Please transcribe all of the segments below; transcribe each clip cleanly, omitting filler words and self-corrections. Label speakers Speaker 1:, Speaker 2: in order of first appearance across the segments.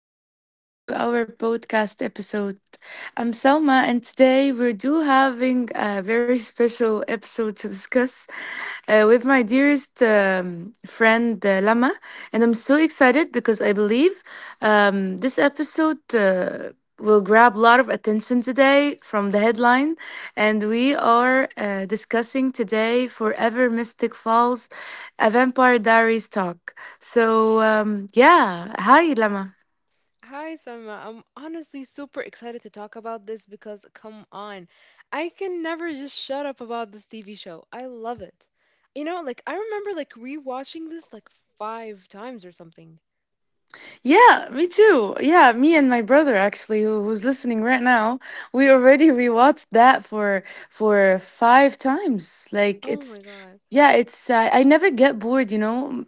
Speaker 1: Welcome back to our podcast episode. I'm Selma, and today we do having a very special episode to discuss with my dearest friend Lama. And I'm so excited because I believe this episode will grab a lot of attention today from the headline. And we are discussing today Forever Mystic Falls, a Vampire Diaries talk. Hi Lama.
Speaker 2: Hi, Sama. I'm honestly super excited to talk about this because, come on, I can never just shut up about this TV show. I love it. You know, like, I remember, like, rewatching this, like, five times or something.
Speaker 1: Yeah, me too. Yeah, me and my brother actually, who's listening right now, we already rewatched that for five times. Like
Speaker 2: Oh
Speaker 1: it's,
Speaker 2: my God.
Speaker 1: yeah, it's. I never get bored, you know.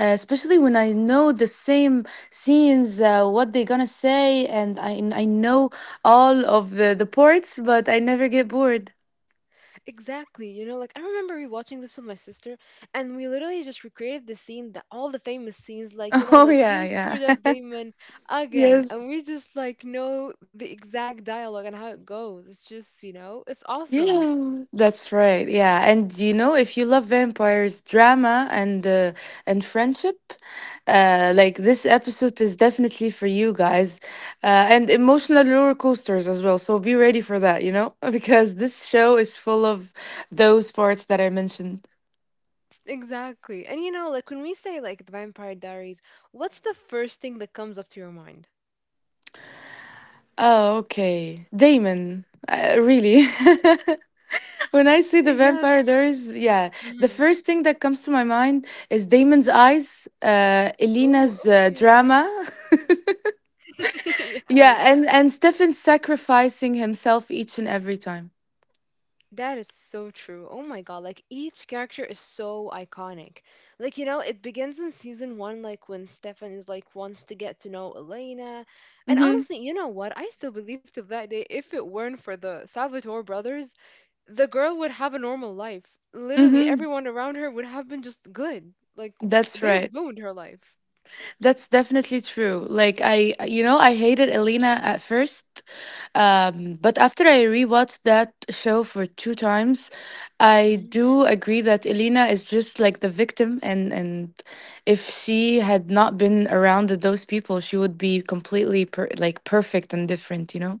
Speaker 1: Especially when I know the same scenes, what they're gonna say, and I know all of the parts, but I never get bored.
Speaker 2: Exactly. You know, like, I remember rewatching this with my sister, and we literally just recreated the scene that all the famous scenes, like, you know,
Speaker 1: Oh
Speaker 2: like,
Speaker 1: yeah,
Speaker 2: you screwed up
Speaker 1: yeah,
Speaker 2: Damon again. And
Speaker 1: yes.
Speaker 2: we just, like, know the exact dialogue and how it goes. It's just, you know, it's awesome.
Speaker 1: Yeah, that's right. Yeah, and you know, if you love vampires, drama, and friendship, like this episode is definitely for you guys, and emotional roller coasters as well. So be ready for that, you know, because this show is full of those parts that I mentioned.
Speaker 2: Exactly. And you know, like when we say like the Vampire Diaries, what's the first thing that comes up to your mind?
Speaker 1: Oh, okay, Damon. Really? When I see the
Speaker 2: Yes.
Speaker 1: vampire, there is, yeah. The
Speaker 2: Hmm.
Speaker 1: first thing that comes to my mind is Damon's eyes,
Speaker 2: Oh,
Speaker 1: Elena's
Speaker 2: okay.
Speaker 1: drama.
Speaker 2: Yes.
Speaker 1: Yeah, and Stefan sacrificing himself each and every time.
Speaker 2: That is so true. Oh my God. Like each character is so iconic. Like, you know, it begins in season one, like when Stefan is like wants to get to know Elena. And
Speaker 1: Mhm.
Speaker 2: honestly, you know what? I still believe to that day if it weren't for the Salvatore brothers, the girl would have a normal life. Literally,
Speaker 1: Mhm.
Speaker 2: everyone around her would have been just good. Like,
Speaker 1: That's
Speaker 2: they
Speaker 1: right.
Speaker 2: ruined her life.
Speaker 1: That's definitely true. Like I, you know, I hated Elena at first. Um, but after I rewatched that show for two times, I
Speaker 2: Mm,
Speaker 1: do agree that Elena is just like the victim, and if she had not been around those people, she would be completely like perfect and different, you know?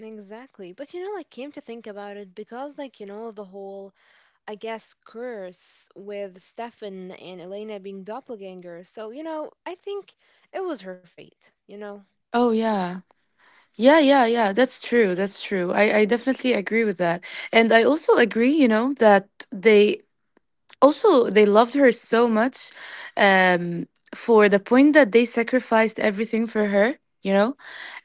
Speaker 2: exactly. But you know, like, came to think about it, because, like, you know, the whole, I guess, curse with Stefan and Elena being doppelgangers. So, you know, I think it was her fate, you know?
Speaker 1: Oh yeah. Yeah, yeah, yeah. That's true. That's true. I definitely agree with that. And I also agree, you know, that they loved her so much, um, for the point that they sacrificed everything for her, you know?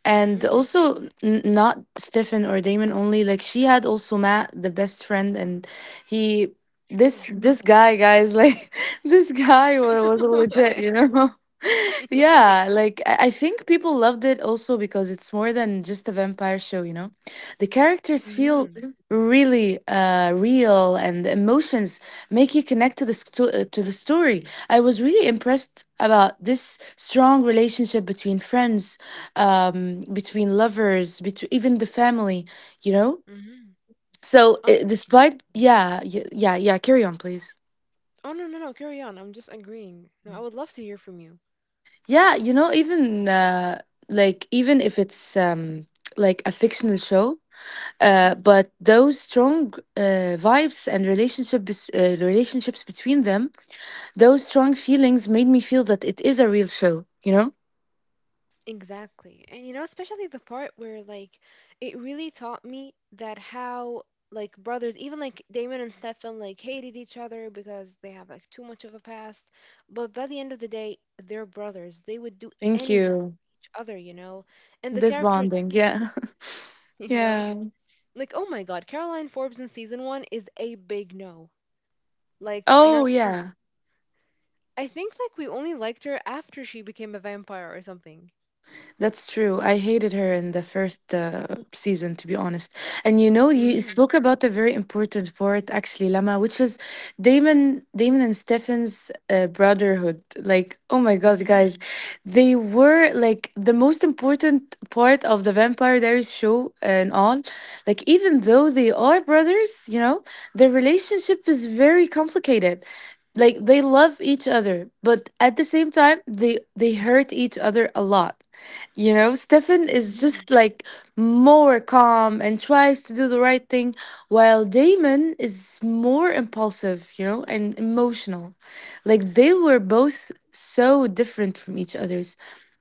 Speaker 1: And
Speaker 2: Hmm.
Speaker 1: also, not Stefan or Damon only. Like she had also Matt, the best friend, and he
Speaker 2: True.
Speaker 1: this this guy, guys, like this guy was legit, you know.
Speaker 2: Yeah.
Speaker 1: Yeah, like I think people loved it also because it's more than just a vampire show, you know. The characters feel
Speaker 2: Hmm.
Speaker 1: really real, and the emotions make you connect to the story. I was really impressed about this strong relationship between friends, between lovers, between even the family, you know.
Speaker 2: Hmm.
Speaker 1: So
Speaker 2: Honestly.
Speaker 1: despite, yeah, y- yeah, yeah, carry on, please.
Speaker 2: Oh, no, no, no. Carry on. I'm just agreeing. No, I would love to hear from you.
Speaker 1: Yeah, you know, even like even if it's like a fictional show,
Speaker 2: Hmm.
Speaker 1: but those strong uh, vibes and relationships between them, those strong feelings made me feel that it is a real show, you know?
Speaker 2: Exactly. And you know, especially the part where like it really taught me that how like brothers, even like Damon and Stefan like hated each other because they have like too much of a past, but by the end of the day, they're brothers. They would do
Speaker 1: Thank
Speaker 2: anything
Speaker 1: you.
Speaker 2: for each other, you know. And the
Speaker 1: This
Speaker 2: characters,
Speaker 1: bonding, yeah.
Speaker 2: you know,
Speaker 1: Yeah.
Speaker 2: like oh my God, Caroline Forbes in season 1 is a big no. Like
Speaker 1: Oh,
Speaker 2: not
Speaker 1: yeah.
Speaker 2: I think like we only liked her after she became a vampire or something.
Speaker 1: That's true. I hated her in the first season, to be honest. And you know, you
Speaker 2: Mhm.
Speaker 1: spoke about a very important part, actually, Lama, which is Damon and Stefan's brotherhood. Like, oh my God, guys,
Speaker 2: Mhm.
Speaker 1: they were like the most important part of the Vampire Diaries show and all. Like, even though they are brothers, you know, their relationship is very complicated. Like they love each other, but at the same time they hurt each other a lot. You know, Stefan is
Speaker 2: Mhm.
Speaker 1: just like more calm and tries to do the right thing, while Damon is more impulsive, you know, and emotional. Like they were both so different from each other.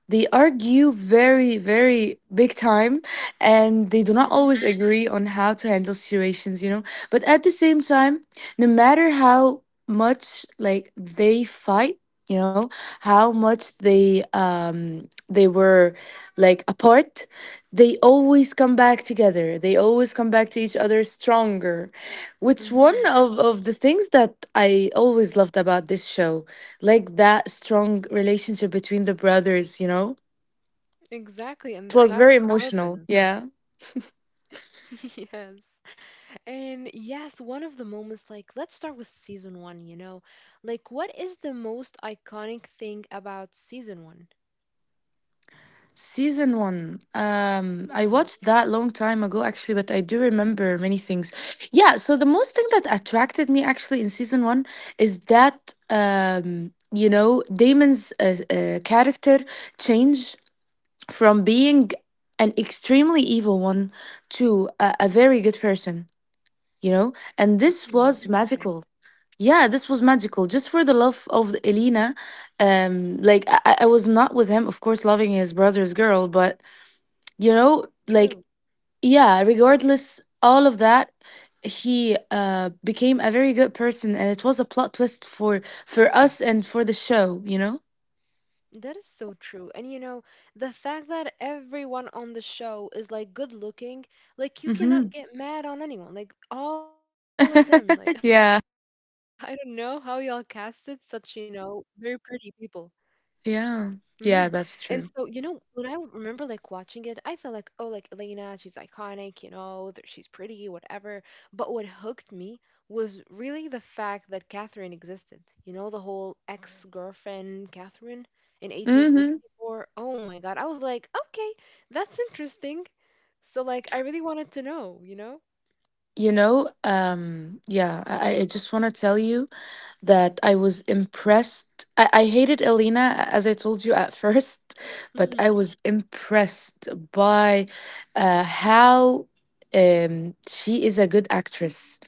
Speaker 1: They argue very, very big time, and they do not always
Speaker 2: Hmm.
Speaker 1: agree on how to handle situations, you know. But at the same time, no matter how much like they fight, you know, how much they were like apart, they always come back together. They always come back to each other stronger. Which one
Speaker 2: Hmm.
Speaker 1: of the things that I always loved about this show, like that strong relationship between the brothers, you know?
Speaker 2: Exactly, and
Speaker 1: It
Speaker 2: the
Speaker 1: was very
Speaker 2: classic
Speaker 1: emotional.
Speaker 2: bourbon.
Speaker 1: Yeah.
Speaker 2: Yes. And yes, one of the moments, like, let's start with season one, you know? Like, what is the most iconic thing about season one?
Speaker 1: Season one. I
Speaker 2: Mm,
Speaker 1: watched that long time ago actually, but I do remember many things. Yeah, so the most thing that attracted me actually in season one is that, you know, Damon's character change from being an extremely evil one to a very good person, you know? And this was
Speaker 2: mm, okay,
Speaker 1: magical. Yeah, this was magical. Just for the love of Elena. Um, like I was not with him, of course, loving his brother's girl, but you know, like,
Speaker 2: true.
Speaker 1: yeah, regardless all of that, he became a very good person, and it was a plot twist for us and for the show, you know.
Speaker 2: That is so true. And you know, the fact that everyone on the show is like good looking, like you
Speaker 1: Mm-hmm.
Speaker 2: cannot get mad on anyone. Like all of them. Like I don't know how y'all
Speaker 1: Yeah,
Speaker 2: casted such, you know, very pretty people. Mm-hmm. And
Speaker 1: yeah,
Speaker 2: so, you
Speaker 1: yeah.
Speaker 2: know,
Speaker 1: That's
Speaker 2: when I
Speaker 1: true.
Speaker 2: remember like watching it, I felt like, oh, like Elena, she's iconic, you know, that she's pretty, whatever. But what hooked me was really the fact that Catherine existed. You know, the whole ex-girlfriend Catherine in
Speaker 1: Mm-hmm.
Speaker 2: 1864. Oh my God. I was like, okay, that's interesting. So like I really wanted to know, you know?
Speaker 1: You know, yeah. I just want to tell you that I was impressed. I hated Elena, as I told you at first, but I
Speaker 2: Mm-hmm.
Speaker 1: was impressed by how, she is a good actress.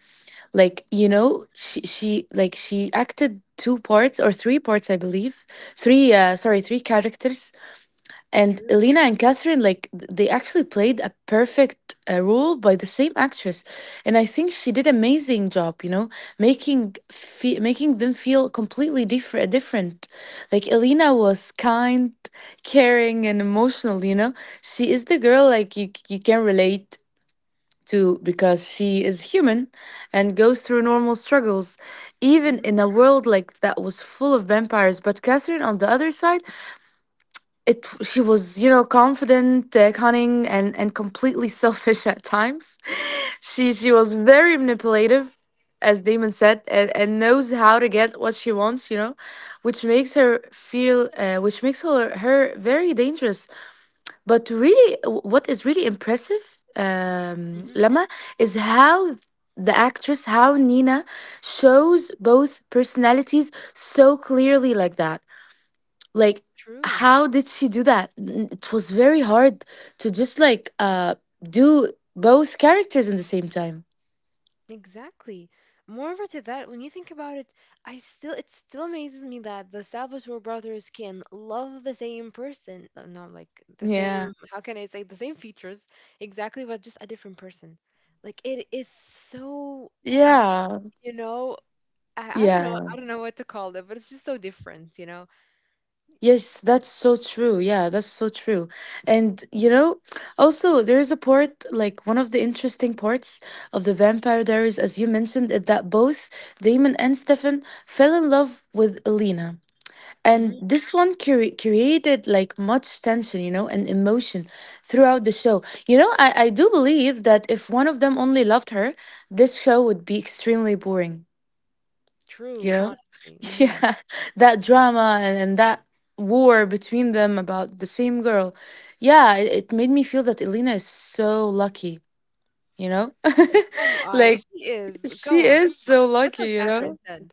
Speaker 1: Like, you know, she acted two parts or three parts, I believe. Three, sorry, three characters. And
Speaker 2: True.
Speaker 1: Elena and Catherine, like they actually played a perfect role by the same actress, and I think she did amazing job. You know, making them feel completely different. Different, like Elena was kind, caring, and emotional. You know, she is the girl like you can relate to because she is human and goes through normal struggles even
Speaker 2: Mm-hmm.
Speaker 1: in a world like that was full of vampires. But Catherine, on the other side, it she was, you know, confident, cunning, and completely selfish at times. She was very manipulative, as Damon said, and knows how to get what she wants, you know, which makes her her very dangerous. But really, what is really impressive, um,
Speaker 2: Hmm.
Speaker 1: Lama, is how the actress, how Nina, shows both personalities so clearly like that. Like
Speaker 2: True.
Speaker 1: how did she do that? It was very hard to just like do both characters in the same time.
Speaker 2: Exactly. Moreover to that, when you think about it, I still it still amazes me that the Salvatore brothers can love the same person. No, like the same,
Speaker 1: Yeah.
Speaker 2: how can I say the same features exactly, but just a different person. Like it is so, uh,
Speaker 1: Yeah.
Speaker 2: you know, I, I don't know,
Speaker 1: Yeah.
Speaker 2: I don't know what to call it, but it's just so different, you know.
Speaker 1: Yes, that's so true. Yeah, that's so true. And you know, also there is a part, like one of the interesting parts of the Vampire Diaries, as you mentioned, is that both Damon and Stefan fell in love with Elena. And
Speaker 2: Hmm.
Speaker 1: this one created like much tension, you know, and emotion throughout the show. You know, I do believe that if one of them only loved her, this show would be extremely boring,
Speaker 2: True,
Speaker 1: you know?
Speaker 2: honestly. Hmm.
Speaker 1: Yeah, that drama, and that war between them about the same girl. Yeah, it made me feel that Elena is so lucky, you know?
Speaker 2: Come on,
Speaker 1: Like,
Speaker 2: she is. Come
Speaker 1: she
Speaker 2: on.
Speaker 1: is so
Speaker 2: That's what
Speaker 1: lucky, you
Speaker 2: Catherine
Speaker 1: know?
Speaker 2: said.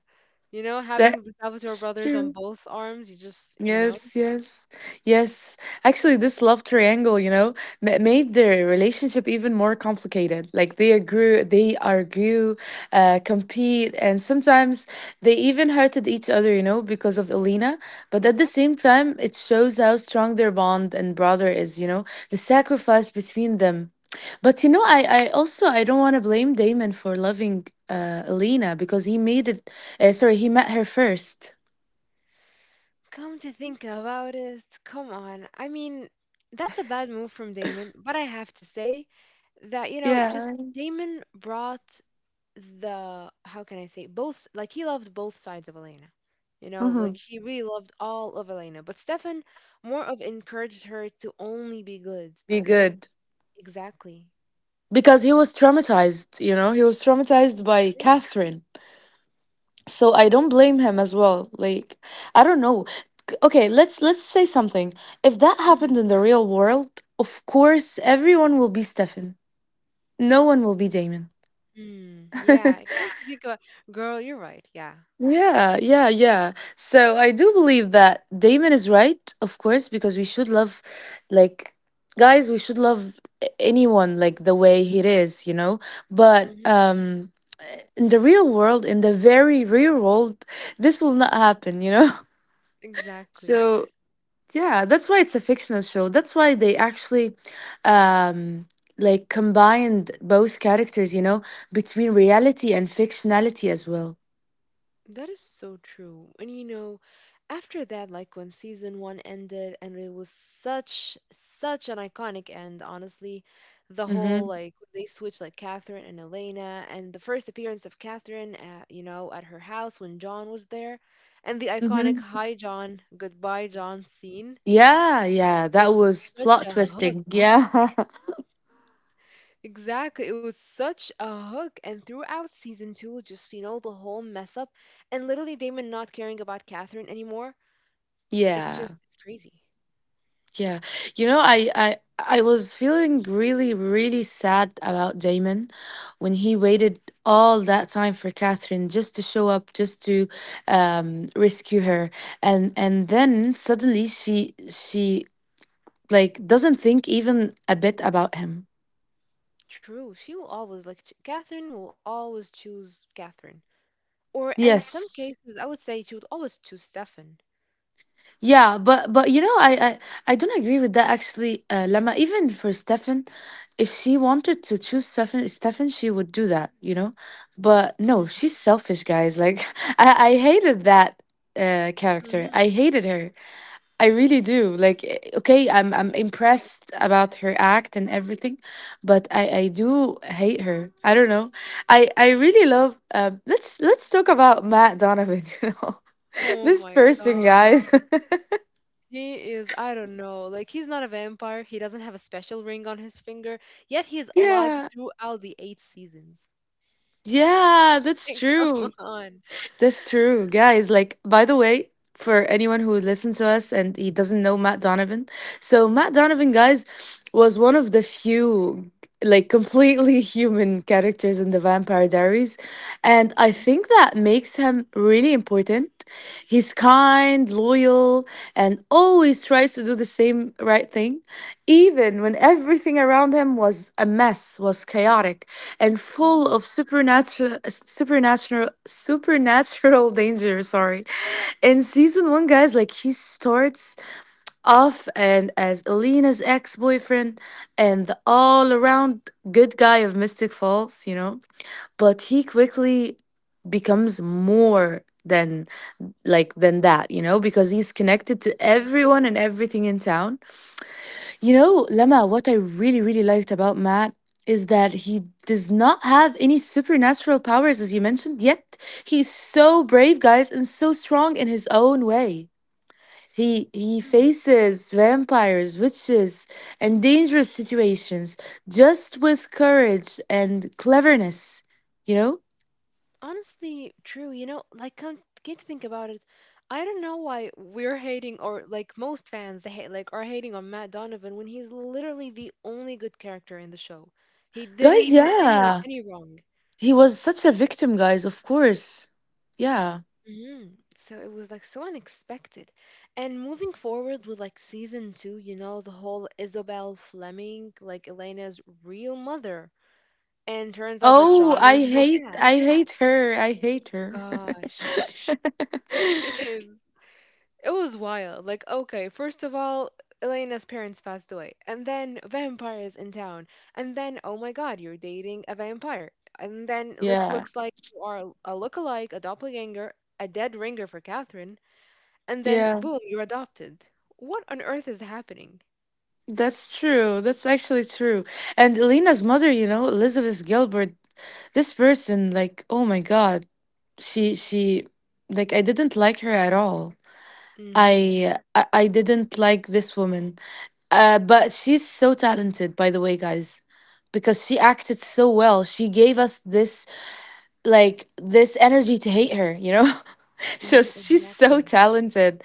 Speaker 2: You know, having the Salvatore
Speaker 1: That's
Speaker 2: brothers on
Speaker 1: true.
Speaker 2: both arms, you just, you know.
Speaker 1: Yes, yes, yes. Actually, this love triangle, you know, made their relationship even more complicated. Like they argue, compete, and sometimes they even hurted each other, you know, because of Elena. But at the
Speaker 2: Exactly.
Speaker 1: same time, it shows how strong their bond and brother is, you know, the sacrifice between them. But you know, I also I don't want to blame Damon for loving Elena because he made it. Sorry, he met her first.
Speaker 2: Come to think about it, come on. I mean, that's a bad move from Damon, but I have to say that, you know, just
Speaker 1: Yeah.
Speaker 2: Damon brought the, how can I say, both, like he loved both sides of Elena. You know, like
Speaker 1: Mm-hmm.
Speaker 2: he really loved all of Elena, but Stefan more of encouraged her to only be good,
Speaker 1: Be
Speaker 2: to only,
Speaker 1: good
Speaker 2: exactly.
Speaker 1: because he was traumatized, you know, he was traumatized by
Speaker 2: True.
Speaker 1: Catherine. So I don't blame him as well. Like, I don't know. Okay, let's say something. If that happened
Speaker 2: Mm-hmm.
Speaker 1: in the real world, of course everyone will be Stefan, no one will be Damon.
Speaker 2: Mm, yeah, come to think about, girl, you're right. Yeah.
Speaker 1: Yeah, yeah, yeah. So I do believe that Damon is right, of course, because we should love, like, guys, we should love anyone like the way he is, you know. But,
Speaker 2: Hmm.
Speaker 1: um, in the real world, in the very real world, this will not happen, you know?
Speaker 2: Exactly.
Speaker 1: So, yeah, that's why it's a fictional show. That's why they actually, um, like combined both characters, you know, between reality and fictionality as well.
Speaker 2: That is so true. And you know, after that, like when season one ended, and it was such an iconic end, honestly. The whole
Speaker 1: Mhm.
Speaker 2: like they switched like Catherine and Elena, and the first appearance of Catherine, at her house when John was there, and the iconic
Speaker 1: Mhm.
Speaker 2: "Hi John, goodbye John" scene.
Speaker 1: Yeah, yeah,
Speaker 2: It
Speaker 1: that
Speaker 2: was
Speaker 1: was
Speaker 2: such
Speaker 1: plot
Speaker 2: a hook.
Speaker 1: twisting. Yeah.
Speaker 2: Exactly, it was such a hook. And throughout season two, just you know, the whole mess up, and literally Damon not caring about Catherine anymore. It's
Speaker 1: Yeah.
Speaker 2: just it's crazy.
Speaker 1: Yeah. You know, I was feeling really really sad about Damon when he waited all that time for Catherine just to show up, just to, um, rescue her. And then suddenly she like doesn't think even a bit about him.
Speaker 2: True. She will always like Catherine will always choose Catherine. Or in some
Speaker 1: Yes.
Speaker 2: cases, I would say she would always choose Stefan.
Speaker 1: Yeah, but you know, I don't agree with that actually. Lama, even for Stefan, if she wanted to choose Stefan, she would do that, you know. But no, she's selfish, guys. Like I hated that character.
Speaker 2: Mm-hmm.
Speaker 1: I hated her. I really do. Like, eh, okay, I'm impressed about her act and everything, but I do hate her. I don't know. I really love. Let's talk about Matt Donovan. You know,
Speaker 2: Oh
Speaker 1: this
Speaker 2: my
Speaker 1: person,
Speaker 2: God.
Speaker 1: guys.
Speaker 2: He is, I don't know, like he's not a vampire. He doesn't have a special ring on his finger, yet he is alive
Speaker 1: Yeah.
Speaker 2: throughout the eight seasons.
Speaker 1: Yeah, that's
Speaker 2: Like, come
Speaker 1: true.
Speaker 2: on.
Speaker 1: That's true. Guys, like, by the way, for anyone who would listen to us and he doesn't know Matt Donovan, so Matt Donovan, guys, was one of the few, like, completely human characters in the Vampire Diaries. And I think that makes him really important. He's kind, loyal, and always tries to do the same right thing, even when everything around him was a mess, was chaotic and full of supernatural danger, sorry. In season 1, guys, like he starts off and as Elena's ex-boyfriend and the all-around good guy of Mystic Falls, you know, but he quickly becomes more than than that, you know, because he's connected to everyone and everything in town, you know. Lama, what I really, really liked about Matt is that he does not have any supernatural powers, as you mentioned, yet he's so brave, guys, and so strong in his own way. He
Speaker 2: Mm-hmm.
Speaker 1: faces vampires, witches, and dangerous situations just with courage and cleverness, you know?
Speaker 2: Honestly, true. You know, like, came to think about it, I don't know why we're hating, or like most fans, they hate, like, are hating on Matt Donovan when he's literally the only good character in the show. He
Speaker 1: Guys,
Speaker 2: didn't do anyone
Speaker 1: yeah.
Speaker 2: any wrong.
Speaker 1: He was such a victim, guys, of course. Yeah.
Speaker 2: Hmm. So it was like so unexpected. And moving forward with like season two, you know, the whole Isabel Fleming, like Elena's real mother, and turns out that
Speaker 1: Oh,
Speaker 2: John
Speaker 1: I
Speaker 2: is her
Speaker 1: hate
Speaker 2: dad.
Speaker 1: I hate her. I hate her.
Speaker 2: Gosh, it is. It was wild. Like, okay, first of all, Elena's parents passed away, and then vampires in town, and then oh my god, you're dating a vampire, and then look
Speaker 1: Yeah,
Speaker 2: looks like you are a lookalike, a doppelganger, a dead ringer for Catherine, and then
Speaker 1: yeah,
Speaker 2: boom, you're adopted. What on earth is happening?
Speaker 1: that's true. That's actually true. And Elena's mother, you know, Elizabeth Gilbert, this person, like, oh my God, she, like, I didn't like her at all.
Speaker 2: Mm-hmm.
Speaker 1: I didn't like this woman. But she's so talented, by the way, guys, because she acted so well. She gave us this, like, this energy to hate her, you know? So
Speaker 2: Mm,
Speaker 1: she's so
Speaker 2: exactly.
Speaker 1: talented.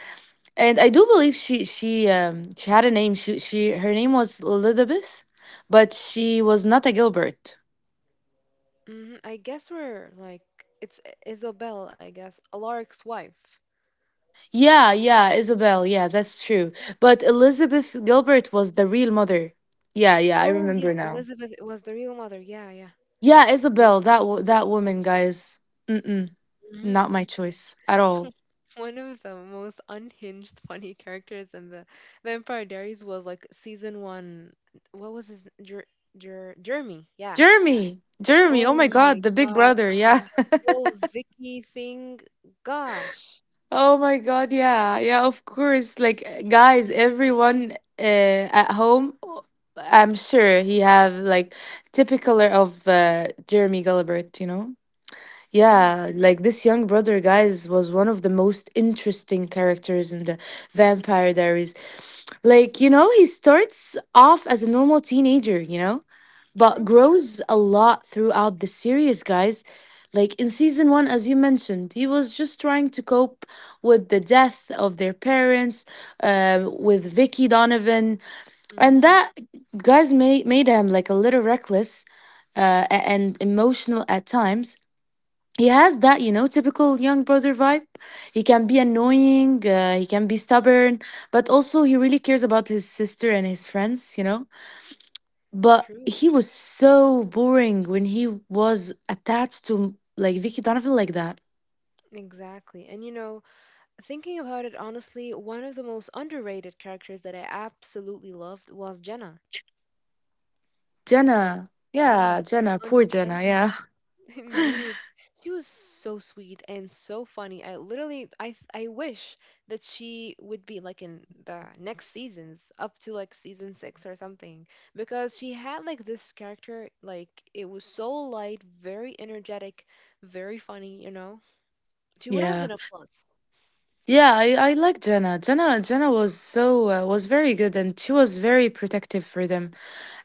Speaker 1: And I do believe she she had a name. She, her name was Elizabeth, but she was not a Gilbert.
Speaker 2: Mm, I guess we're like it's Isobel, I guess, Alaric's wife.
Speaker 1: Yeah, yeah, Isabel. Yeah, that's true. But Elizabeth Gilbert was the real mother. Yeah, yeah, I
Speaker 2: Oh yes,
Speaker 1: remember now.
Speaker 2: Elizabeth was the real mother. Yeah, yeah.
Speaker 1: Yeah,
Speaker 2: I
Speaker 1: Isabel.
Speaker 2: remember
Speaker 1: That woman, guys. Mm-mm,
Speaker 2: that.
Speaker 1: not
Speaker 2: Mhm.
Speaker 1: my choice at all.
Speaker 2: One of the most unhinged funny characters in the Vampire Diaries was like season one. What was his Jeremy? Yeah.
Speaker 1: Jeremy, Jeremy. Oh
Speaker 2: Oh
Speaker 1: my
Speaker 2: my
Speaker 1: God, the Big
Speaker 2: god!
Speaker 1: Brother. Yeah.
Speaker 2: And the whole Vicky thing. Gosh.
Speaker 1: Oh my God, yeah, yeah, of course. Like guys,
Speaker 2: Mhm.
Speaker 1: everyone at home, I'm sure he have like typical of Jeremy Gilbert, you know?
Speaker 2: Mm,
Speaker 1: Yeah, like this young brother, guys, was one of the most interesting characters in the Vampire Diaries. Like, you know, he starts off as a normal teenager, you know? But
Speaker 2: true.
Speaker 1: grows a lot throughout the series, guys. Like in season one, as you mentioned, he was just trying to cope with the death of their parents, with Vicky Donovan, and
Speaker 2: Mm-hmm.
Speaker 1: that guys made him like a little reckless, and emotional at times. He has that, you know, typical young brother vibe. He can be annoying, he can be
Speaker 2: Mm,
Speaker 1: stubborn, but also he really cares about his sister and his friends, you know, but
Speaker 2: true.
Speaker 1: he was so boring when he was attached to like Vicky Donovan like that.
Speaker 2: Exactly. And you know, thinking about it honestly, one of the most underrated characters that I absolutely loved was Jenna. Like,
Speaker 1: Jenna. Yeah,
Speaker 2: mm,
Speaker 1: Jenna. Poor
Speaker 2: on
Speaker 1: Jenna.
Speaker 2: Jenna.
Speaker 1: Yeah.
Speaker 2: Indeed. She was so sweet and so funny. I literally I th- I wish that she would be like in the next seasons up to like season 6 or something because she had like this character like it was so light, very energetic, very funny, you know. She would have
Speaker 1: Yeah,
Speaker 2: been a plus.
Speaker 1: yeah, I like Jenna. Jenna was so was very good, and she was very protective for them.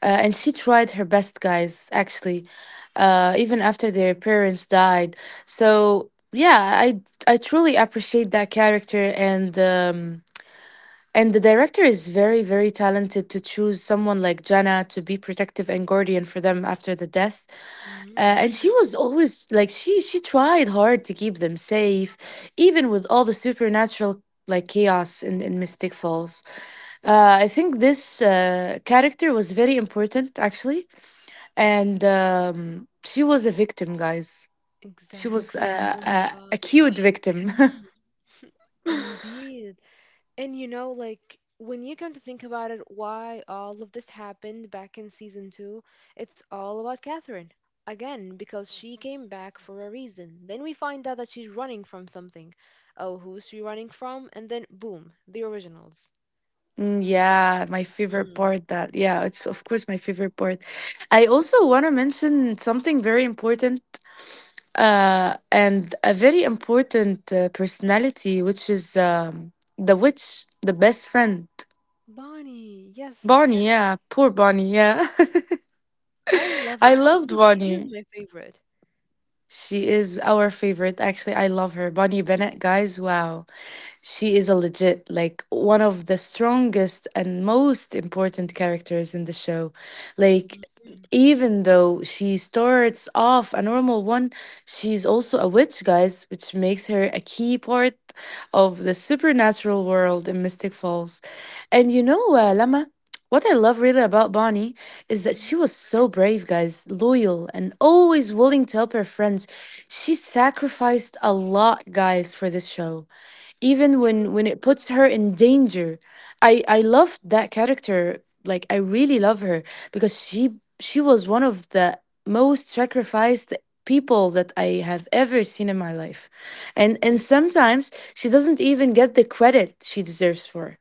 Speaker 1: And she tried her best, guys. Actually, even after their parents died. So yeah, I truly appreciate that character, and the director is very, very talented to choose someone like Jana to be protective and guardian for them after the death.
Speaker 2: Hmm.
Speaker 1: And she was always like she tried hard to keep them safe, even with all the supernatural like chaos in Mystic Falls. I think this character was very important actually, and she was a victim, guys. She was a,
Speaker 2: Exactly. Oh my God.
Speaker 1: a cute victim.
Speaker 2: Mhm. Indeed. And you know, like when you come to think about it, why all of this happened back in season two, it's all about Catherine. Again, because she came back for a reason. Then we find out that she's running from something. Oh, who's she running from? And then boom, the originals.
Speaker 1: Mm, yeah, my favorite
Speaker 2: Mm.
Speaker 1: part, that yeah, it's of course my favorite part. I also want to mention something very important, uh, and a very important personality, which is the witch, the best friend.
Speaker 2: Bonnie, yes.
Speaker 1: Bonnie, yeah, poor Bonnie, yeah.
Speaker 2: I love her.
Speaker 1: I
Speaker 2: Honestly,
Speaker 1: loved
Speaker 2: she is
Speaker 1: Bonnie.
Speaker 2: my favorite.
Speaker 1: She is our favorite actually. I love her. Bonnie Bennett, guys, wow. She is a legit, like, one of the strongest and most important characters in the show. Like,
Speaker 2: Mhm,
Speaker 1: even though she starts off a normal one, she's also a witch, guys, which makes her a key part of the supernatural world in Mystic Falls. And you know, Lama, what I love really about Bonnie is that she
Speaker 2: mhm.
Speaker 1: was so brave, guys, loyal, and always willing to help her friends. She sacrificed a lot, guys, for this show, even when
Speaker 2: True.
Speaker 1: it puts her in danger. I love that character, like I really love her, because she was one of the most sacrificed people that I have ever seen in my life, and sometimes she doesn't even get the credit she deserves for,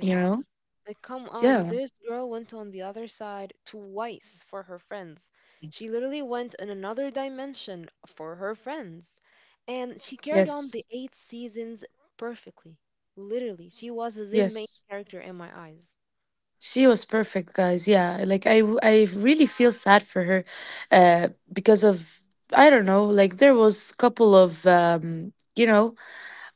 Speaker 1: you know.
Speaker 2: Like, come on.
Speaker 1: Yeah,
Speaker 2: This girl went on the other side twice for her friends. She literally went in another dimension for her friends. And she carried on
Speaker 1: yes,
Speaker 2: the eight seasons perfectly. Literally. She was the main
Speaker 1: yes,
Speaker 2: character in my eyes.
Speaker 1: she was perfect, guys. Yeah, like I really feel sad for her, uh because of, I don't know, like there was couple of you know,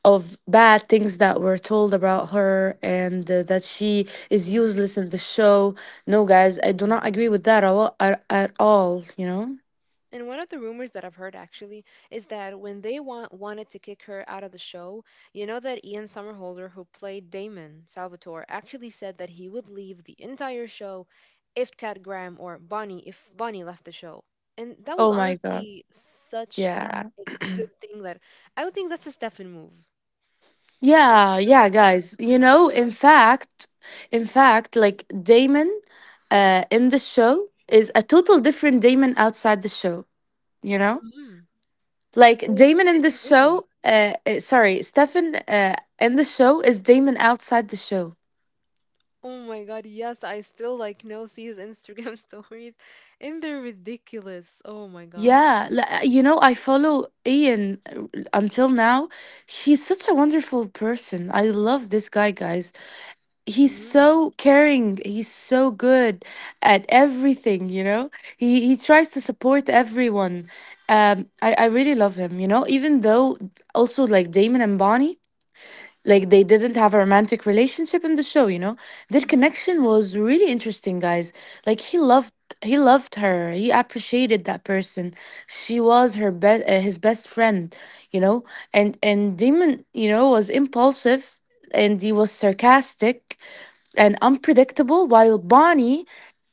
Speaker 1: of bad things that were told about her, and that she is
Speaker 2: Hmm.
Speaker 1: useless in the show. No, guys,
Speaker 2: Oh
Speaker 1: I do
Speaker 2: my
Speaker 1: not agree
Speaker 2: God.
Speaker 1: with that at all. At all, you know.
Speaker 2: And one of the rumors that I've heard actually is that when they wanted to kick her out of the show, you know that Ian Somerhalder, who played Damon Salvatore, actually said that he would leave the entire show if Cat Graham or Bonnie, if Bonnie left the show. And that was
Speaker 1: Oh my God.
Speaker 2: honestly such
Speaker 1: Yeah.
Speaker 2: a good thing that I would think that's a Stefan move. Like
Speaker 1: Yeah.
Speaker 2: that's
Speaker 1: Yeah,
Speaker 2: such a
Speaker 1: guys. You
Speaker 2: Stefan move.
Speaker 1: know, in fact, like Damon, in the show is a total different Damon outside the show. You know,
Speaker 2: Hmm.
Speaker 1: like
Speaker 2: And it's
Speaker 1: Damon in the
Speaker 2: crazy.
Speaker 1: show. Sorry, Stefan in the show is Damon outside the show.
Speaker 2: Oh my god, yes, I still like now see his Instagram stories and they're ridiculous. Oh my god.
Speaker 1: Yeah, you know, I follow Ian, until now. He's such a wonderful person. I love this guy, guys. He's
Speaker 2: Mm,
Speaker 1: so caring. He's so good at everything, you know? He tries to support everyone. I really love him, you know, even though also like Damon and Bonnie. Like they didn't have a romantic relationship in the show, you know? Their
Speaker 2: mm,
Speaker 1: connection was really interesting, guys. Like he loved her. He appreciated that person. She was her best his best friend, you know? And Damon, you know, was impulsive and he was sarcastic and unpredictable, while Bonnie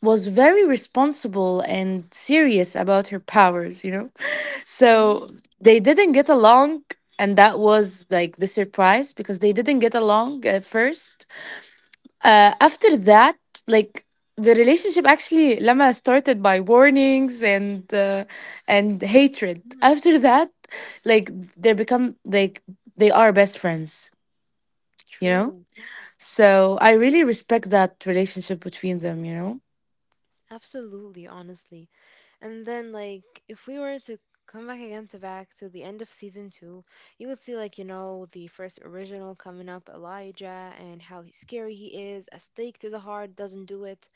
Speaker 1: was very responsible and serious about her powers, you know? So
Speaker 2: mm,
Speaker 1: they didn't get along, and that was like the surprise, because they didn't get along at first. After that, like, the relationship actually, Lama, started by warnings and hatred,
Speaker 2: mm.
Speaker 1: after that like they become like they are best friends, you know.
Speaker 2: True.
Speaker 1: So I really respect that relationship between them, you know?
Speaker 2: Absolutely, honestly. And then, like, if we were to come back again to back to the end of season two, you would see, like, you know, the first original coming up, Elijah, and how scary he is. A stake to the heart doesn't do it.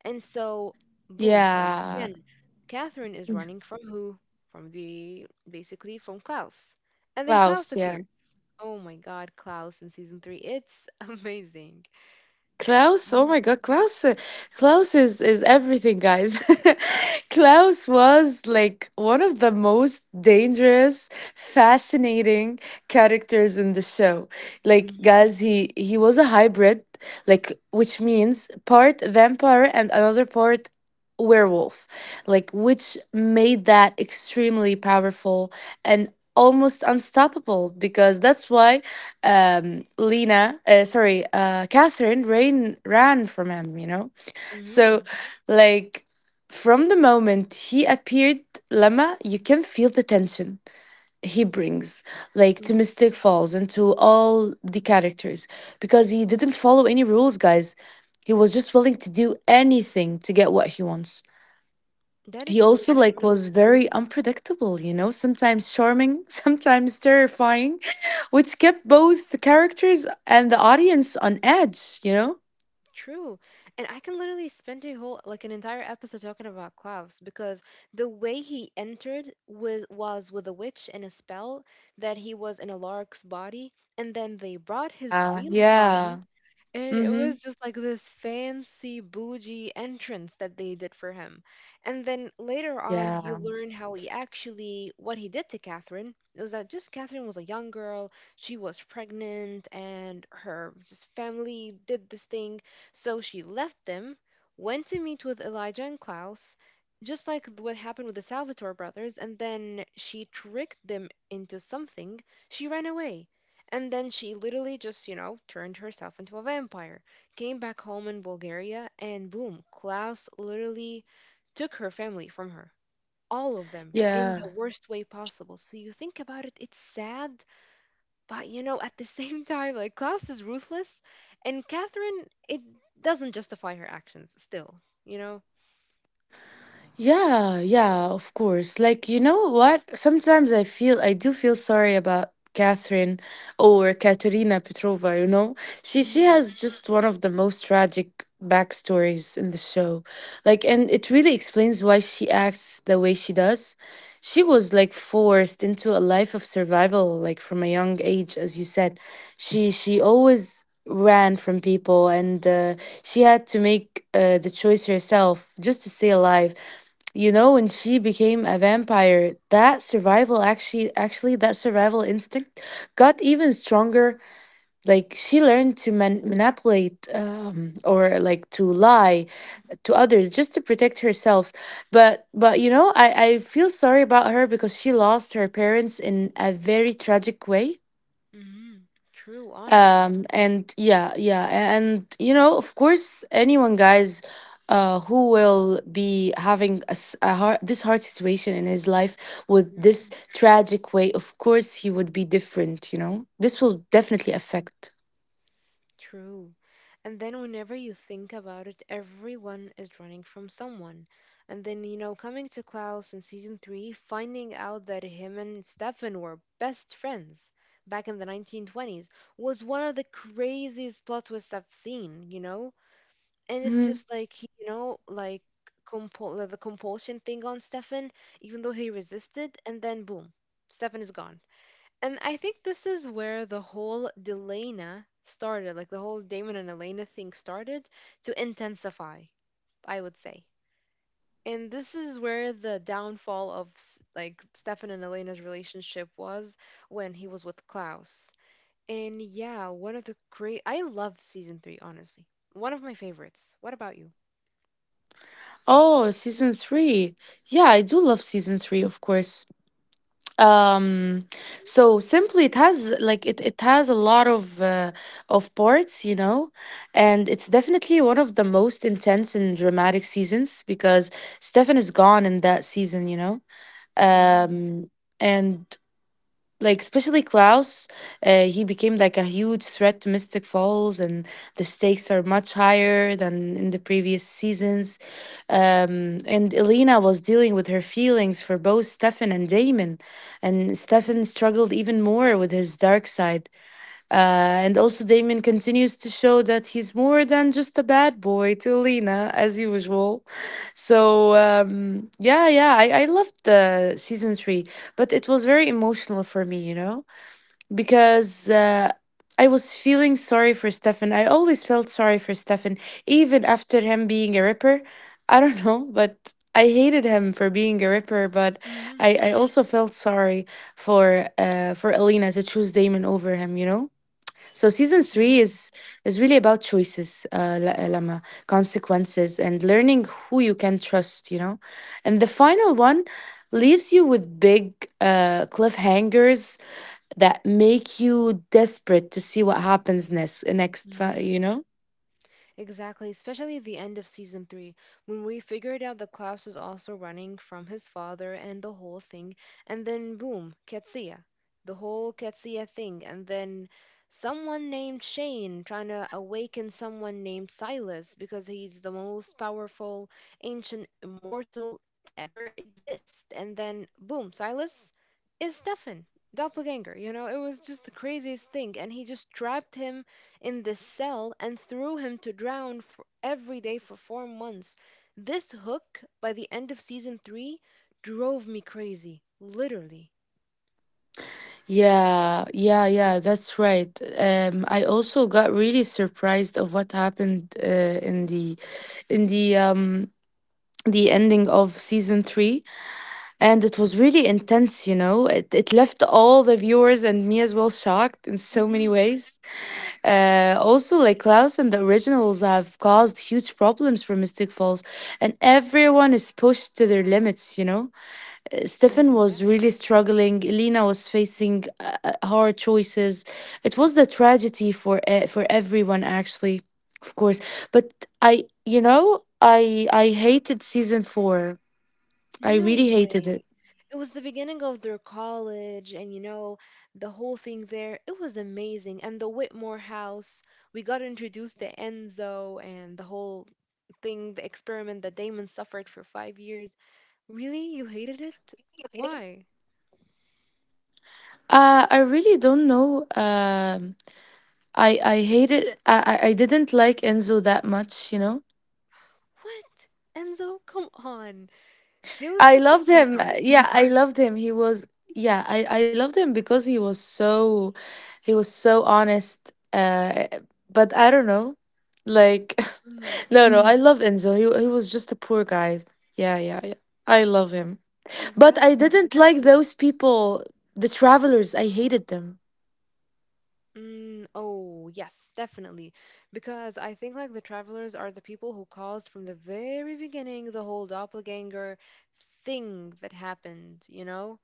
Speaker 2: And so, boom, once
Speaker 1: Yeah.
Speaker 2: again, Catherine is running from who? Basically, from Klaus. And then Klaus
Speaker 1: Klaus, yeah.
Speaker 2: appears. Oh my God, Klaus in season three. It's amazing.
Speaker 1: Klaus, oh my God, Klaus, Klaus is everything, guys. Klaus was like one of the most dangerous, fascinating characters in the show. Like,
Speaker 2: Mhm.
Speaker 1: guys, he was a hybrid, like which means part vampire and another part werewolf, like which made that extremely powerful and almost unstoppable, because that's why Catherine ran from him, you know? So,
Speaker 2: Mhm.
Speaker 1: like, from the moment he appeared, Lama, you can feel the tension he brings, like, to
Speaker 2: Mm,
Speaker 1: Mystic Falls and to all the characters, because he didn't follow any rules, guys. He was just willing to do anything to get what he wants.
Speaker 2: that is
Speaker 1: He
Speaker 2: so
Speaker 1: also like
Speaker 2: true.
Speaker 1: was very unpredictable, you know, sometimes charming, sometimes terrifying, which kept both the characters and the audience on edge, you know.
Speaker 2: True. And I can literally spend a whole like an entire episode talking about Klaus because the way he entered was with a witch and a spell that he was in a lark's body and then they brought his
Speaker 1: Yeah,
Speaker 2: real body.
Speaker 1: yeah,
Speaker 2: And it
Speaker 1: mm-hmm,
Speaker 2: was just like this fancy, bougie entrance that they did for him. And then later on, you
Speaker 1: yeah,
Speaker 2: learn how he actually, what he did to Catherine. It was that just Catherine was a young girl, she was pregnant, and her just family did this thing. So she left them, went to meet with Elijah and Klaus, just like what happened with the Salvatore brothers, and then she tricked them into something. She ran away and then she literally just, turned herself into a vampire, came back home in Bulgaria, and boom, Klaus literally took her family from her. All of them in
Speaker 1: yeah.
Speaker 2: the worst way possible. So you think about it, it's sad, but you know, at the same time, like Klaus is ruthless, and Catherine, it doesn't justify her actions still, you know?
Speaker 1: Yeah, yeah, of course. Like, you know what? Sometimes I do feel sorry about Catherine, or Katerina Petrova, you know? She
Speaker 2: Hmm.
Speaker 1: has just one of the most tragic backstories in the show. Like, and it really explains why she acts the way she does. She was like forced into a life of survival, like from a young age, as you said. She always ran from people, and she had to make the choice herself just to stay alive, you know. When she became a vampire, that survival actually that survival instinct got even stronger. Like she learned to manipulate, or like to lie to others just to protect herself. But you know, I feel sorry about her because she lost her parents in a very tragic way,
Speaker 2: Hmm. True, honestly.
Speaker 1: and yeah, yeah, and you know, of course, anyone, guys, who will be having a, a hard, this hard situation in his life, with this tragic way, of course, he would be different, you know, this will definitely affect.
Speaker 2: True. And then whenever you think about it, everyone is running from someone. And then, you know, coming to Klaus in season three, finding out that him and Stefan were best friends back in the 1920s was one of the craziest plot twists I've seen, you know? And it's
Speaker 1: Mhm.
Speaker 2: just like, you know, like compul the compulsion thing on Stefan, even though he resisted, and then boom, Stefan is gone. And I think this is where the whole Delana started, like the whole Damon and Elena thing started to intensify, I would say. And this is where the downfall of like Stefan and Elena's relationship was when he was with Klaus. And yeah, one of the great I loved season 3, honestly. One of my favorites. What about you?
Speaker 1: Oh, season three. Yeah, I do love season three, of course. um so simply it has like it has a lot of parts, you know, and it's definitely one of the most intense and dramatic seasons, because Stefan is gone in that season, you know. um
Speaker 2: Mhm.
Speaker 1: and like especially Klaus, he became like a huge threat to Mystic Falls, and the stakes are much higher than in the previous seasons. And Elena was dealing with her feelings for both Stefan and Damon, and Stefan struggled even more with his dark side. And also, Damon continues to show that he's more than just a bad boy to Lena, as usual. So I loved the season three, but it was very emotional for me, you know, because I was feeling sorry for Stefan. I always felt sorry for Stefan, even after him being a ripper. I don't know, but I hated him for being a ripper, but I,
Speaker 2: Mhm.
Speaker 1: I also felt sorry for Alina to choose Damon over him, you know? So season three
Speaker 2: Mhm.
Speaker 1: is really about choices, Lama, consequences, and learning who you can trust. You know, and the final one leaves you with big cliffhangers that make you desperate to see what happens next. Next, fi- you
Speaker 2: Mhm.
Speaker 1: know.
Speaker 2: Exactly, especially the end of season three, when we figured out that Klaus is also running from his father and the whole thing, and then boom, Ketsia. The whole Ketsia thing, and then someone named Shane trying to awaken someone named Silas because he's the most powerful ancient immortal to ever exist, and then boom, Silas is Stefan, doppelganger. You know, it was just the craziest thing. And he just trapped him in this cell and threw him to drown for every day for 4 months. This hook, by the end of season three, drove me crazy, literally.
Speaker 1: Yeah, yeah, yeah. That's right. I also got really surprised of what happened uh, in the in the um the ending of season three. And it was really intense, you know. It left all the viewers and me as well shocked in so many
Speaker 2: Mm-hmm.
Speaker 1: ways. Also, like Klaus and the originals have caused huge problems for Mystic Falls, and everyone is pushed to their limits, you know.
Speaker 2: Mm,
Speaker 1: Stefan was
Speaker 2: exactly.
Speaker 1: really struggling. Elena was facing hard choices. It was the tragedy for everyone, actually, of course. But I, you know, I hated season four. I
Speaker 2: No
Speaker 1: really hated it.
Speaker 2: way. It was the beginning of their college, and you know, the whole thing there. It was amazing. And the Whitmore house, we got introduced to Enzo and the whole thing, the experiment that Damon suffered for 5 years. Really? You hated it? Why?
Speaker 1: I really don't know. I hated. I didn't like Enzo that much. You know.
Speaker 2: What? Enzo? Come on. He was
Speaker 1: I
Speaker 2: such a
Speaker 1: loved him.
Speaker 2: sweetheart.
Speaker 1: Yeah, I loved him. He was. Yeah, I loved him because he was so honest. But I don't know. Like,
Speaker 2: Mm,
Speaker 1: no, no. Mm. I love Enzo. He was just a poor guy. Yeah, yeah, yeah. I love him. But I
Speaker 2: exactly.
Speaker 1: didn't like those people, the travelers. I hated them.
Speaker 2: Mm, oh, yes, definitely. Because I think like the travelers are the people who caused from the very beginning the whole doppelganger thing that happened, you know?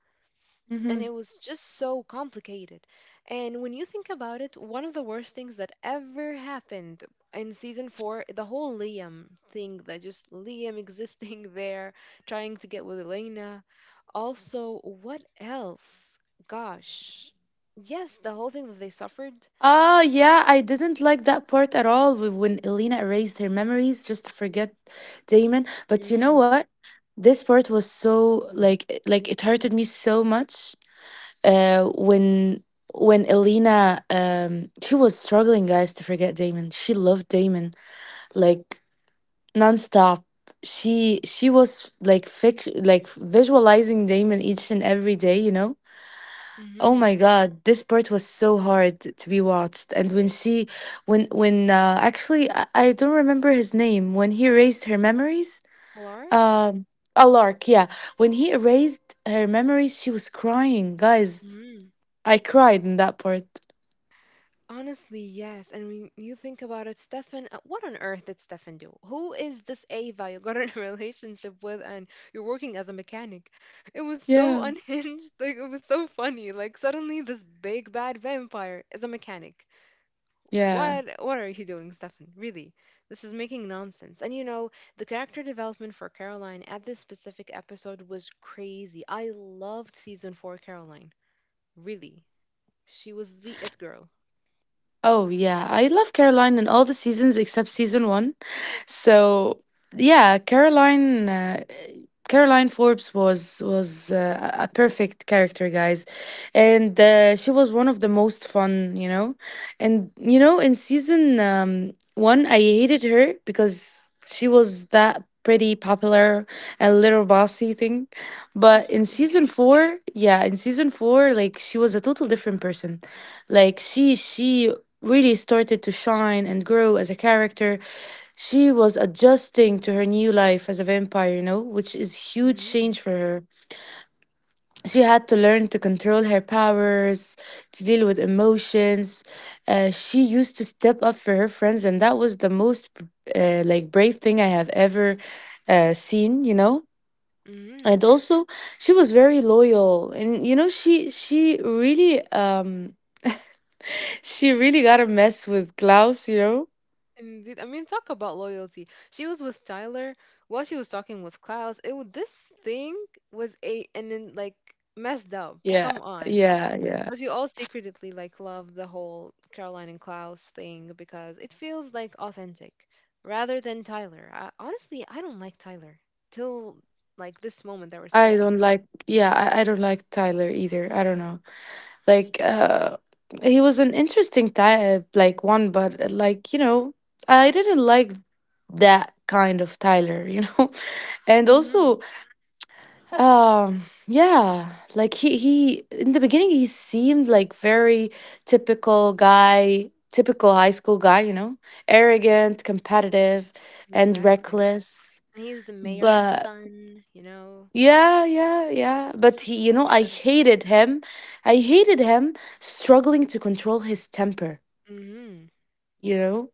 Speaker 2: And
Speaker 1: Mhm.
Speaker 2: it was just so complicated. And when you think about it, one of the worst things that ever happened in season four, the whole Liam thing, that just Liam existing there, trying to get with Elena. Also, what else? Gosh. Yes, the whole thing that they suffered.
Speaker 1: Ah, yeah, I didn't like that part at all when Elena erased her memories just to forget Damon. But you know
Speaker 2: Mm.
Speaker 1: what? This part was so like it hurted me so much. Uh, when when Elena she was struggling, guys, to forget Damon. She loved Damon like nonstop. She was like visualizing Damon each and every day, you know. Oh
Speaker 2: Mm-hmm.
Speaker 1: my God, this part was so hard to be watched. And when she, when actually I don't remember his name. When he erased her memories,
Speaker 2: Clark?
Speaker 1: um, Alark, yeah. When he erased her memories, she was crying. Guys,
Speaker 2: Mm-hmm.
Speaker 1: I cried in that part.
Speaker 2: Honestly, yes. And when you think about it, Stefan, what on earth did Stefan do? Who is this Ava you got in a relationship with and you're working as a mechanic? It was so
Speaker 1: Yeah,
Speaker 2: unhinged. Like, it was so funny. Like, suddenly this big bad vampire is a mechanic.
Speaker 1: yeah.
Speaker 2: What are you doing, Stefan? Really? This is making nonsense. And you know, the character development for Caroline at this specific episode was crazy. I loved season 4 Caroline. Really. She was the it girl.
Speaker 1: Oh yeah, I love Caroline in all the seasons except season one. So yeah, Caroline Forbes was a perfect character, guys, and she was one of the most fun, you know. And you know, in season one, I hated her because she was that pretty popular and little bossy thing, but in
Speaker 2: Yeah.
Speaker 1: season four, yeah, in season four, like she was a total different person. Like she really started to shine and grow as a character. She was adjusting to her new life as a vampire, you know, which is huge change
Speaker 2: Mhm.
Speaker 1: for her. She had to learn to control her powers, to deal with emotions. She used to step up for her friends, and that was the most like brave thing I have ever seen, you know,
Speaker 2: Mm,
Speaker 1: and also she was very loyal and you know she really she really got a mess with Klaus, you know?
Speaker 2: indeed. I mean, talk about loyalty. She was with Tyler while she was talking with Klaus. This thing was a and then like messed up.
Speaker 1: Yeah,
Speaker 2: Come on.
Speaker 1: yeah, yeah.
Speaker 2: But we all secretly like love the whole Caroline and Klaus thing because it feels like authentic rather than Tyler. I, honestly, I don't like Tyler till like this moment that we're
Speaker 1: I don't
Speaker 2: speaking.
Speaker 1: like yeah, I, I don't like Tyler either. I don't know. Like uh he was an interesting type like one but you know, I didn't like that kind of Tyler, you know. And
Speaker 2: Mm-hmm.
Speaker 1: also. Yeah, like he in the beginning he seemed like very typical guy, typical high school guy, you know, arrogant, competitive, and
Speaker 2: Exactly.
Speaker 1: reckless.
Speaker 2: And he's the mayor's
Speaker 1: But
Speaker 2: son, you know.
Speaker 1: you know, I
Speaker 2: Yes.
Speaker 1: hated him. I hated him struggling to control his temper,
Speaker 2: Mm-hmm.
Speaker 1: you know.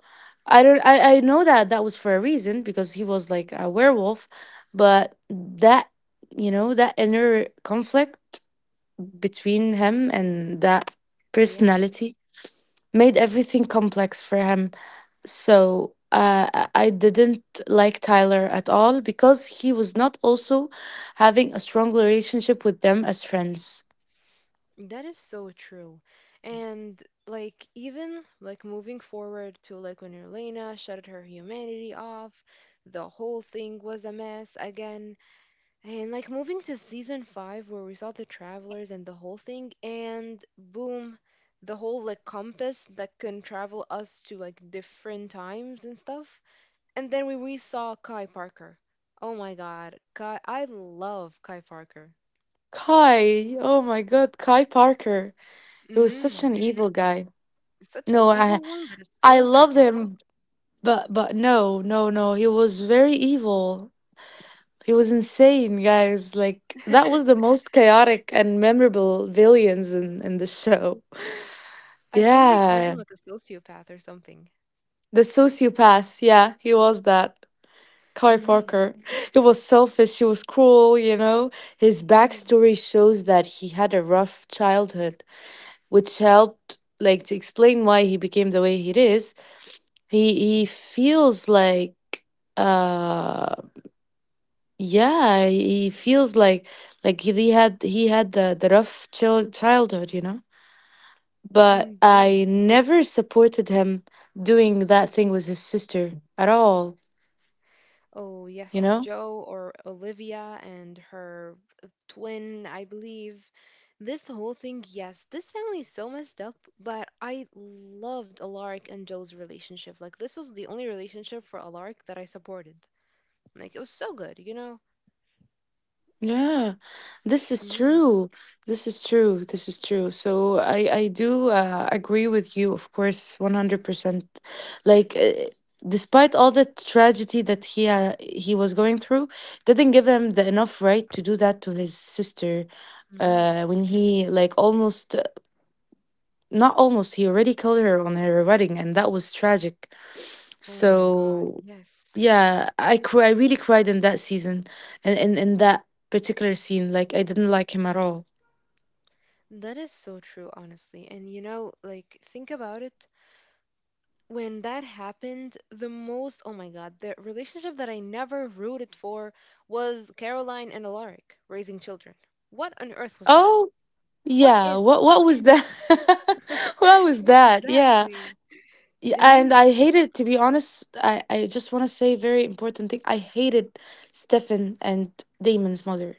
Speaker 1: I don't I know that that was for a reason because he was like a werewolf, but that, you know, that inner conflict between him and that
Speaker 2: Yeah.
Speaker 1: personality made everything complex for him. So I didn't like Tyler at all because he was not also having a strong relationship with them as friends.
Speaker 2: That is so true. And like even like moving forward to like when Elena shut her humanity off, the whole thing was a mess again. And like moving to season 5 where we saw the travelers and the whole thing and boom, the whole like compass that can travel us to like different times and stuff. And then we saw Kai Parker. Oh my god, Kai, I love Kai Parker.
Speaker 1: Kai, oh my god, Kai Parker. He was such
Speaker 2: Mhm.
Speaker 1: an evil guy.
Speaker 2: It's such an
Speaker 1: No, I
Speaker 2: evil one, but it's
Speaker 1: I
Speaker 2: so
Speaker 1: loved
Speaker 2: sarcastic.
Speaker 1: him, but no, no, no, he was very evil. He was insane, guys. Like that was the most chaotic and memorable villains in the show.
Speaker 2: I think they called him
Speaker 1: Yeah,
Speaker 2: like a sociopath or something.
Speaker 1: the sociopath. Yeah, he was that. Kai
Speaker 2: Mm-hmm.
Speaker 1: Parker. He was selfish. He was cruel. You know, his
Speaker 2: Mm,
Speaker 1: backstory shows that he had a rough childhood, which helped like to explain why he became the way he is. He he feels like uh Yeah, he feels like he had the rough childhood, you know. But
Speaker 2: indeed.
Speaker 1: I never supported him doing that thing with his sister at all,
Speaker 2: Oh,
Speaker 1: you
Speaker 2: yes,
Speaker 1: know.
Speaker 2: Joe or Olivia and her twin, I believe. This whole thing, yes, this family is so messed up, but I loved Alaric and Joe's relationship. Like, this was the only relationship for Alaric that I supported. Like, it was so good, you know?
Speaker 1: Yeah, this is
Speaker 2: Mm-hmm.
Speaker 1: true. This is true. This is true. So I do agree with you, of course, 100%. Like despite all the tragedy that he was going through, didn't give him the enough right to do that to his sister
Speaker 2: Mm-hmm.
Speaker 1: when he like almost not almost he already killed her on her wedding and that was tragic.
Speaker 2: Oh my God,
Speaker 1: So
Speaker 2: yes.
Speaker 1: yeah, I cry. I really cried in that season, and in that particular scene, like I didn't like him at all.
Speaker 2: That is so true, honestly. And you know, like, think about it. When that happened, the most, oh my God, the relationship that I never rooted for was Caroline and Alaric raising children. What on earth was that?
Speaker 1: Oh
Speaker 2: What
Speaker 1: yeah,
Speaker 2: is that?
Speaker 1: what was that? what was that? Yeah,
Speaker 2: Exactly.
Speaker 1: yeah, and
Speaker 2: Mhm.
Speaker 1: I hated to be honest. I just want to say very important thing. I hated Stefan and Damon's mother,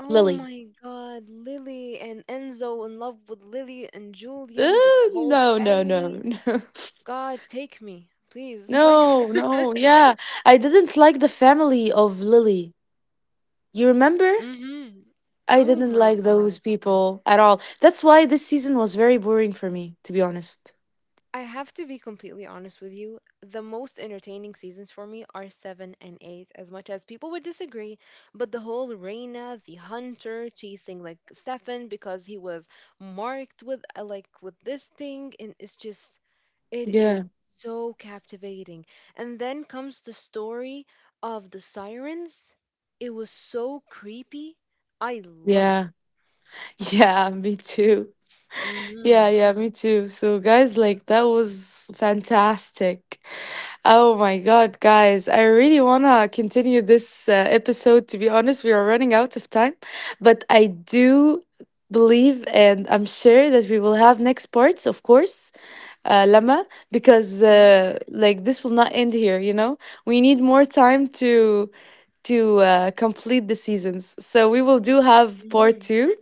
Speaker 2: Oh
Speaker 1: Lily.
Speaker 2: my God, Lily and Enzo in love with Lily and Julian, this
Speaker 1: Ugh,
Speaker 2: whole
Speaker 1: no, no, no,
Speaker 2: family.
Speaker 1: no,
Speaker 2: God, take me. Please, strike
Speaker 1: no,
Speaker 2: me.
Speaker 1: no. Yeah, I didn't like the family of Lily. You remember?
Speaker 2: Hmm.
Speaker 1: I
Speaker 2: Oh
Speaker 1: didn't
Speaker 2: my
Speaker 1: like those
Speaker 2: God.
Speaker 1: people at all. That's why this season was very boring for me, to be honest.
Speaker 2: I have to be completely honest with you. The most entertaining seasons for me are 7 and 8, as much as people would disagree. But the whole Reina, the hunter, chasing like Stefan because he was marked with like with this thing, and it's just it is
Speaker 3: Yeah,
Speaker 2: so captivating. And then comes the story of the sirens. It was so creepy. I love it.
Speaker 3: yeah, yeah, me too. Yeah,
Speaker 2: Hmm.
Speaker 3: yeah, me too. So, guys, like that was fantastic. Oh my God, guys, I really want to continue this episode. To be honest, we are running out of time, but I do believe and I'm sure that we will have next parts, of course. Lama, because
Speaker 2: Hmm.
Speaker 3: like this will not end here, you know. We need more time to complete the seasons. So we will do have
Speaker 2: Hmm.
Speaker 3: part two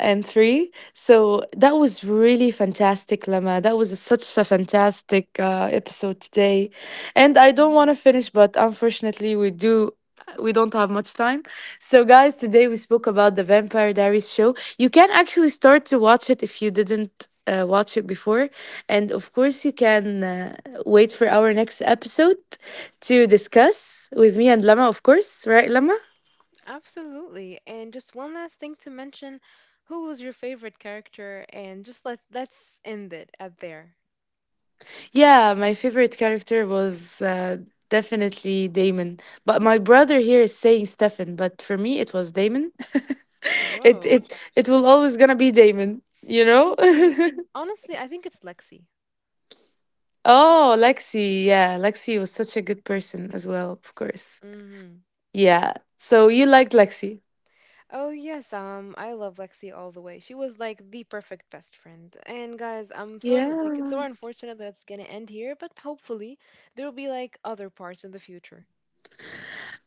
Speaker 3: and three. So that was really fantastic, Lama. That was such a fantastic episode today, and I don't want
Speaker 2: Hmm.
Speaker 3: to finish, but unfortunately, we do. We don't have much time. So, guys, today we spoke about the Vampire Diaries show. You can actually start to watch it if you didn't watch it before. And of course, you can wait for our next episode to discuss with me and Lama, of course, right, Lama?
Speaker 2: Absolutely. And just one last thing to mention, who was your favorite character? And just let's end it at there.
Speaker 3: Yeah, my favorite character was definitely Damon. But my brother here is saying Stefan, but for me it was Damon. it
Speaker 2: Whoa.
Speaker 3: it it will always gonna be Damon, you know?
Speaker 2: You see, honestly, I think it's Lexi.
Speaker 3: Oh, Lexi. Yeah, Lexi was such a good person as well, of course.
Speaker 2: Hmm.
Speaker 3: Yeah. So you liked Lexi.
Speaker 2: Oh yes, I love Lexi all the way. She was like the perfect best friend. And guys, like it's so
Speaker 3: Yeah.
Speaker 2: unfortunate that's gonna end here, but hopefully there will be like other parts in the future.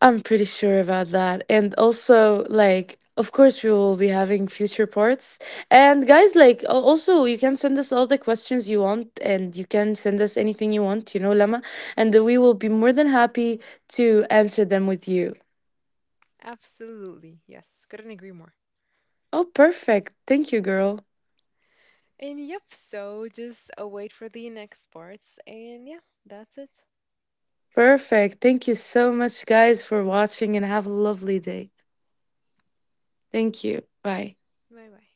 Speaker 3: I'm pretty sure about that. And also, like, of course, we will be having future parts. And guys, like, also, you can send us all the questions you want, and you can send us anything you want, you know, Lama. And we will be more than happy to answer them with you.
Speaker 2: Absolutely, yes, couldn't agree more.
Speaker 3: Oh, perfect. Thank you, girl.
Speaker 2: And yep, so just wait for the next parts. And yeah, that's it.
Speaker 3: Perfect. Thank you so much, guys, for watching, and have a lovely day. Thank you. Bye.
Speaker 2: Bye bye.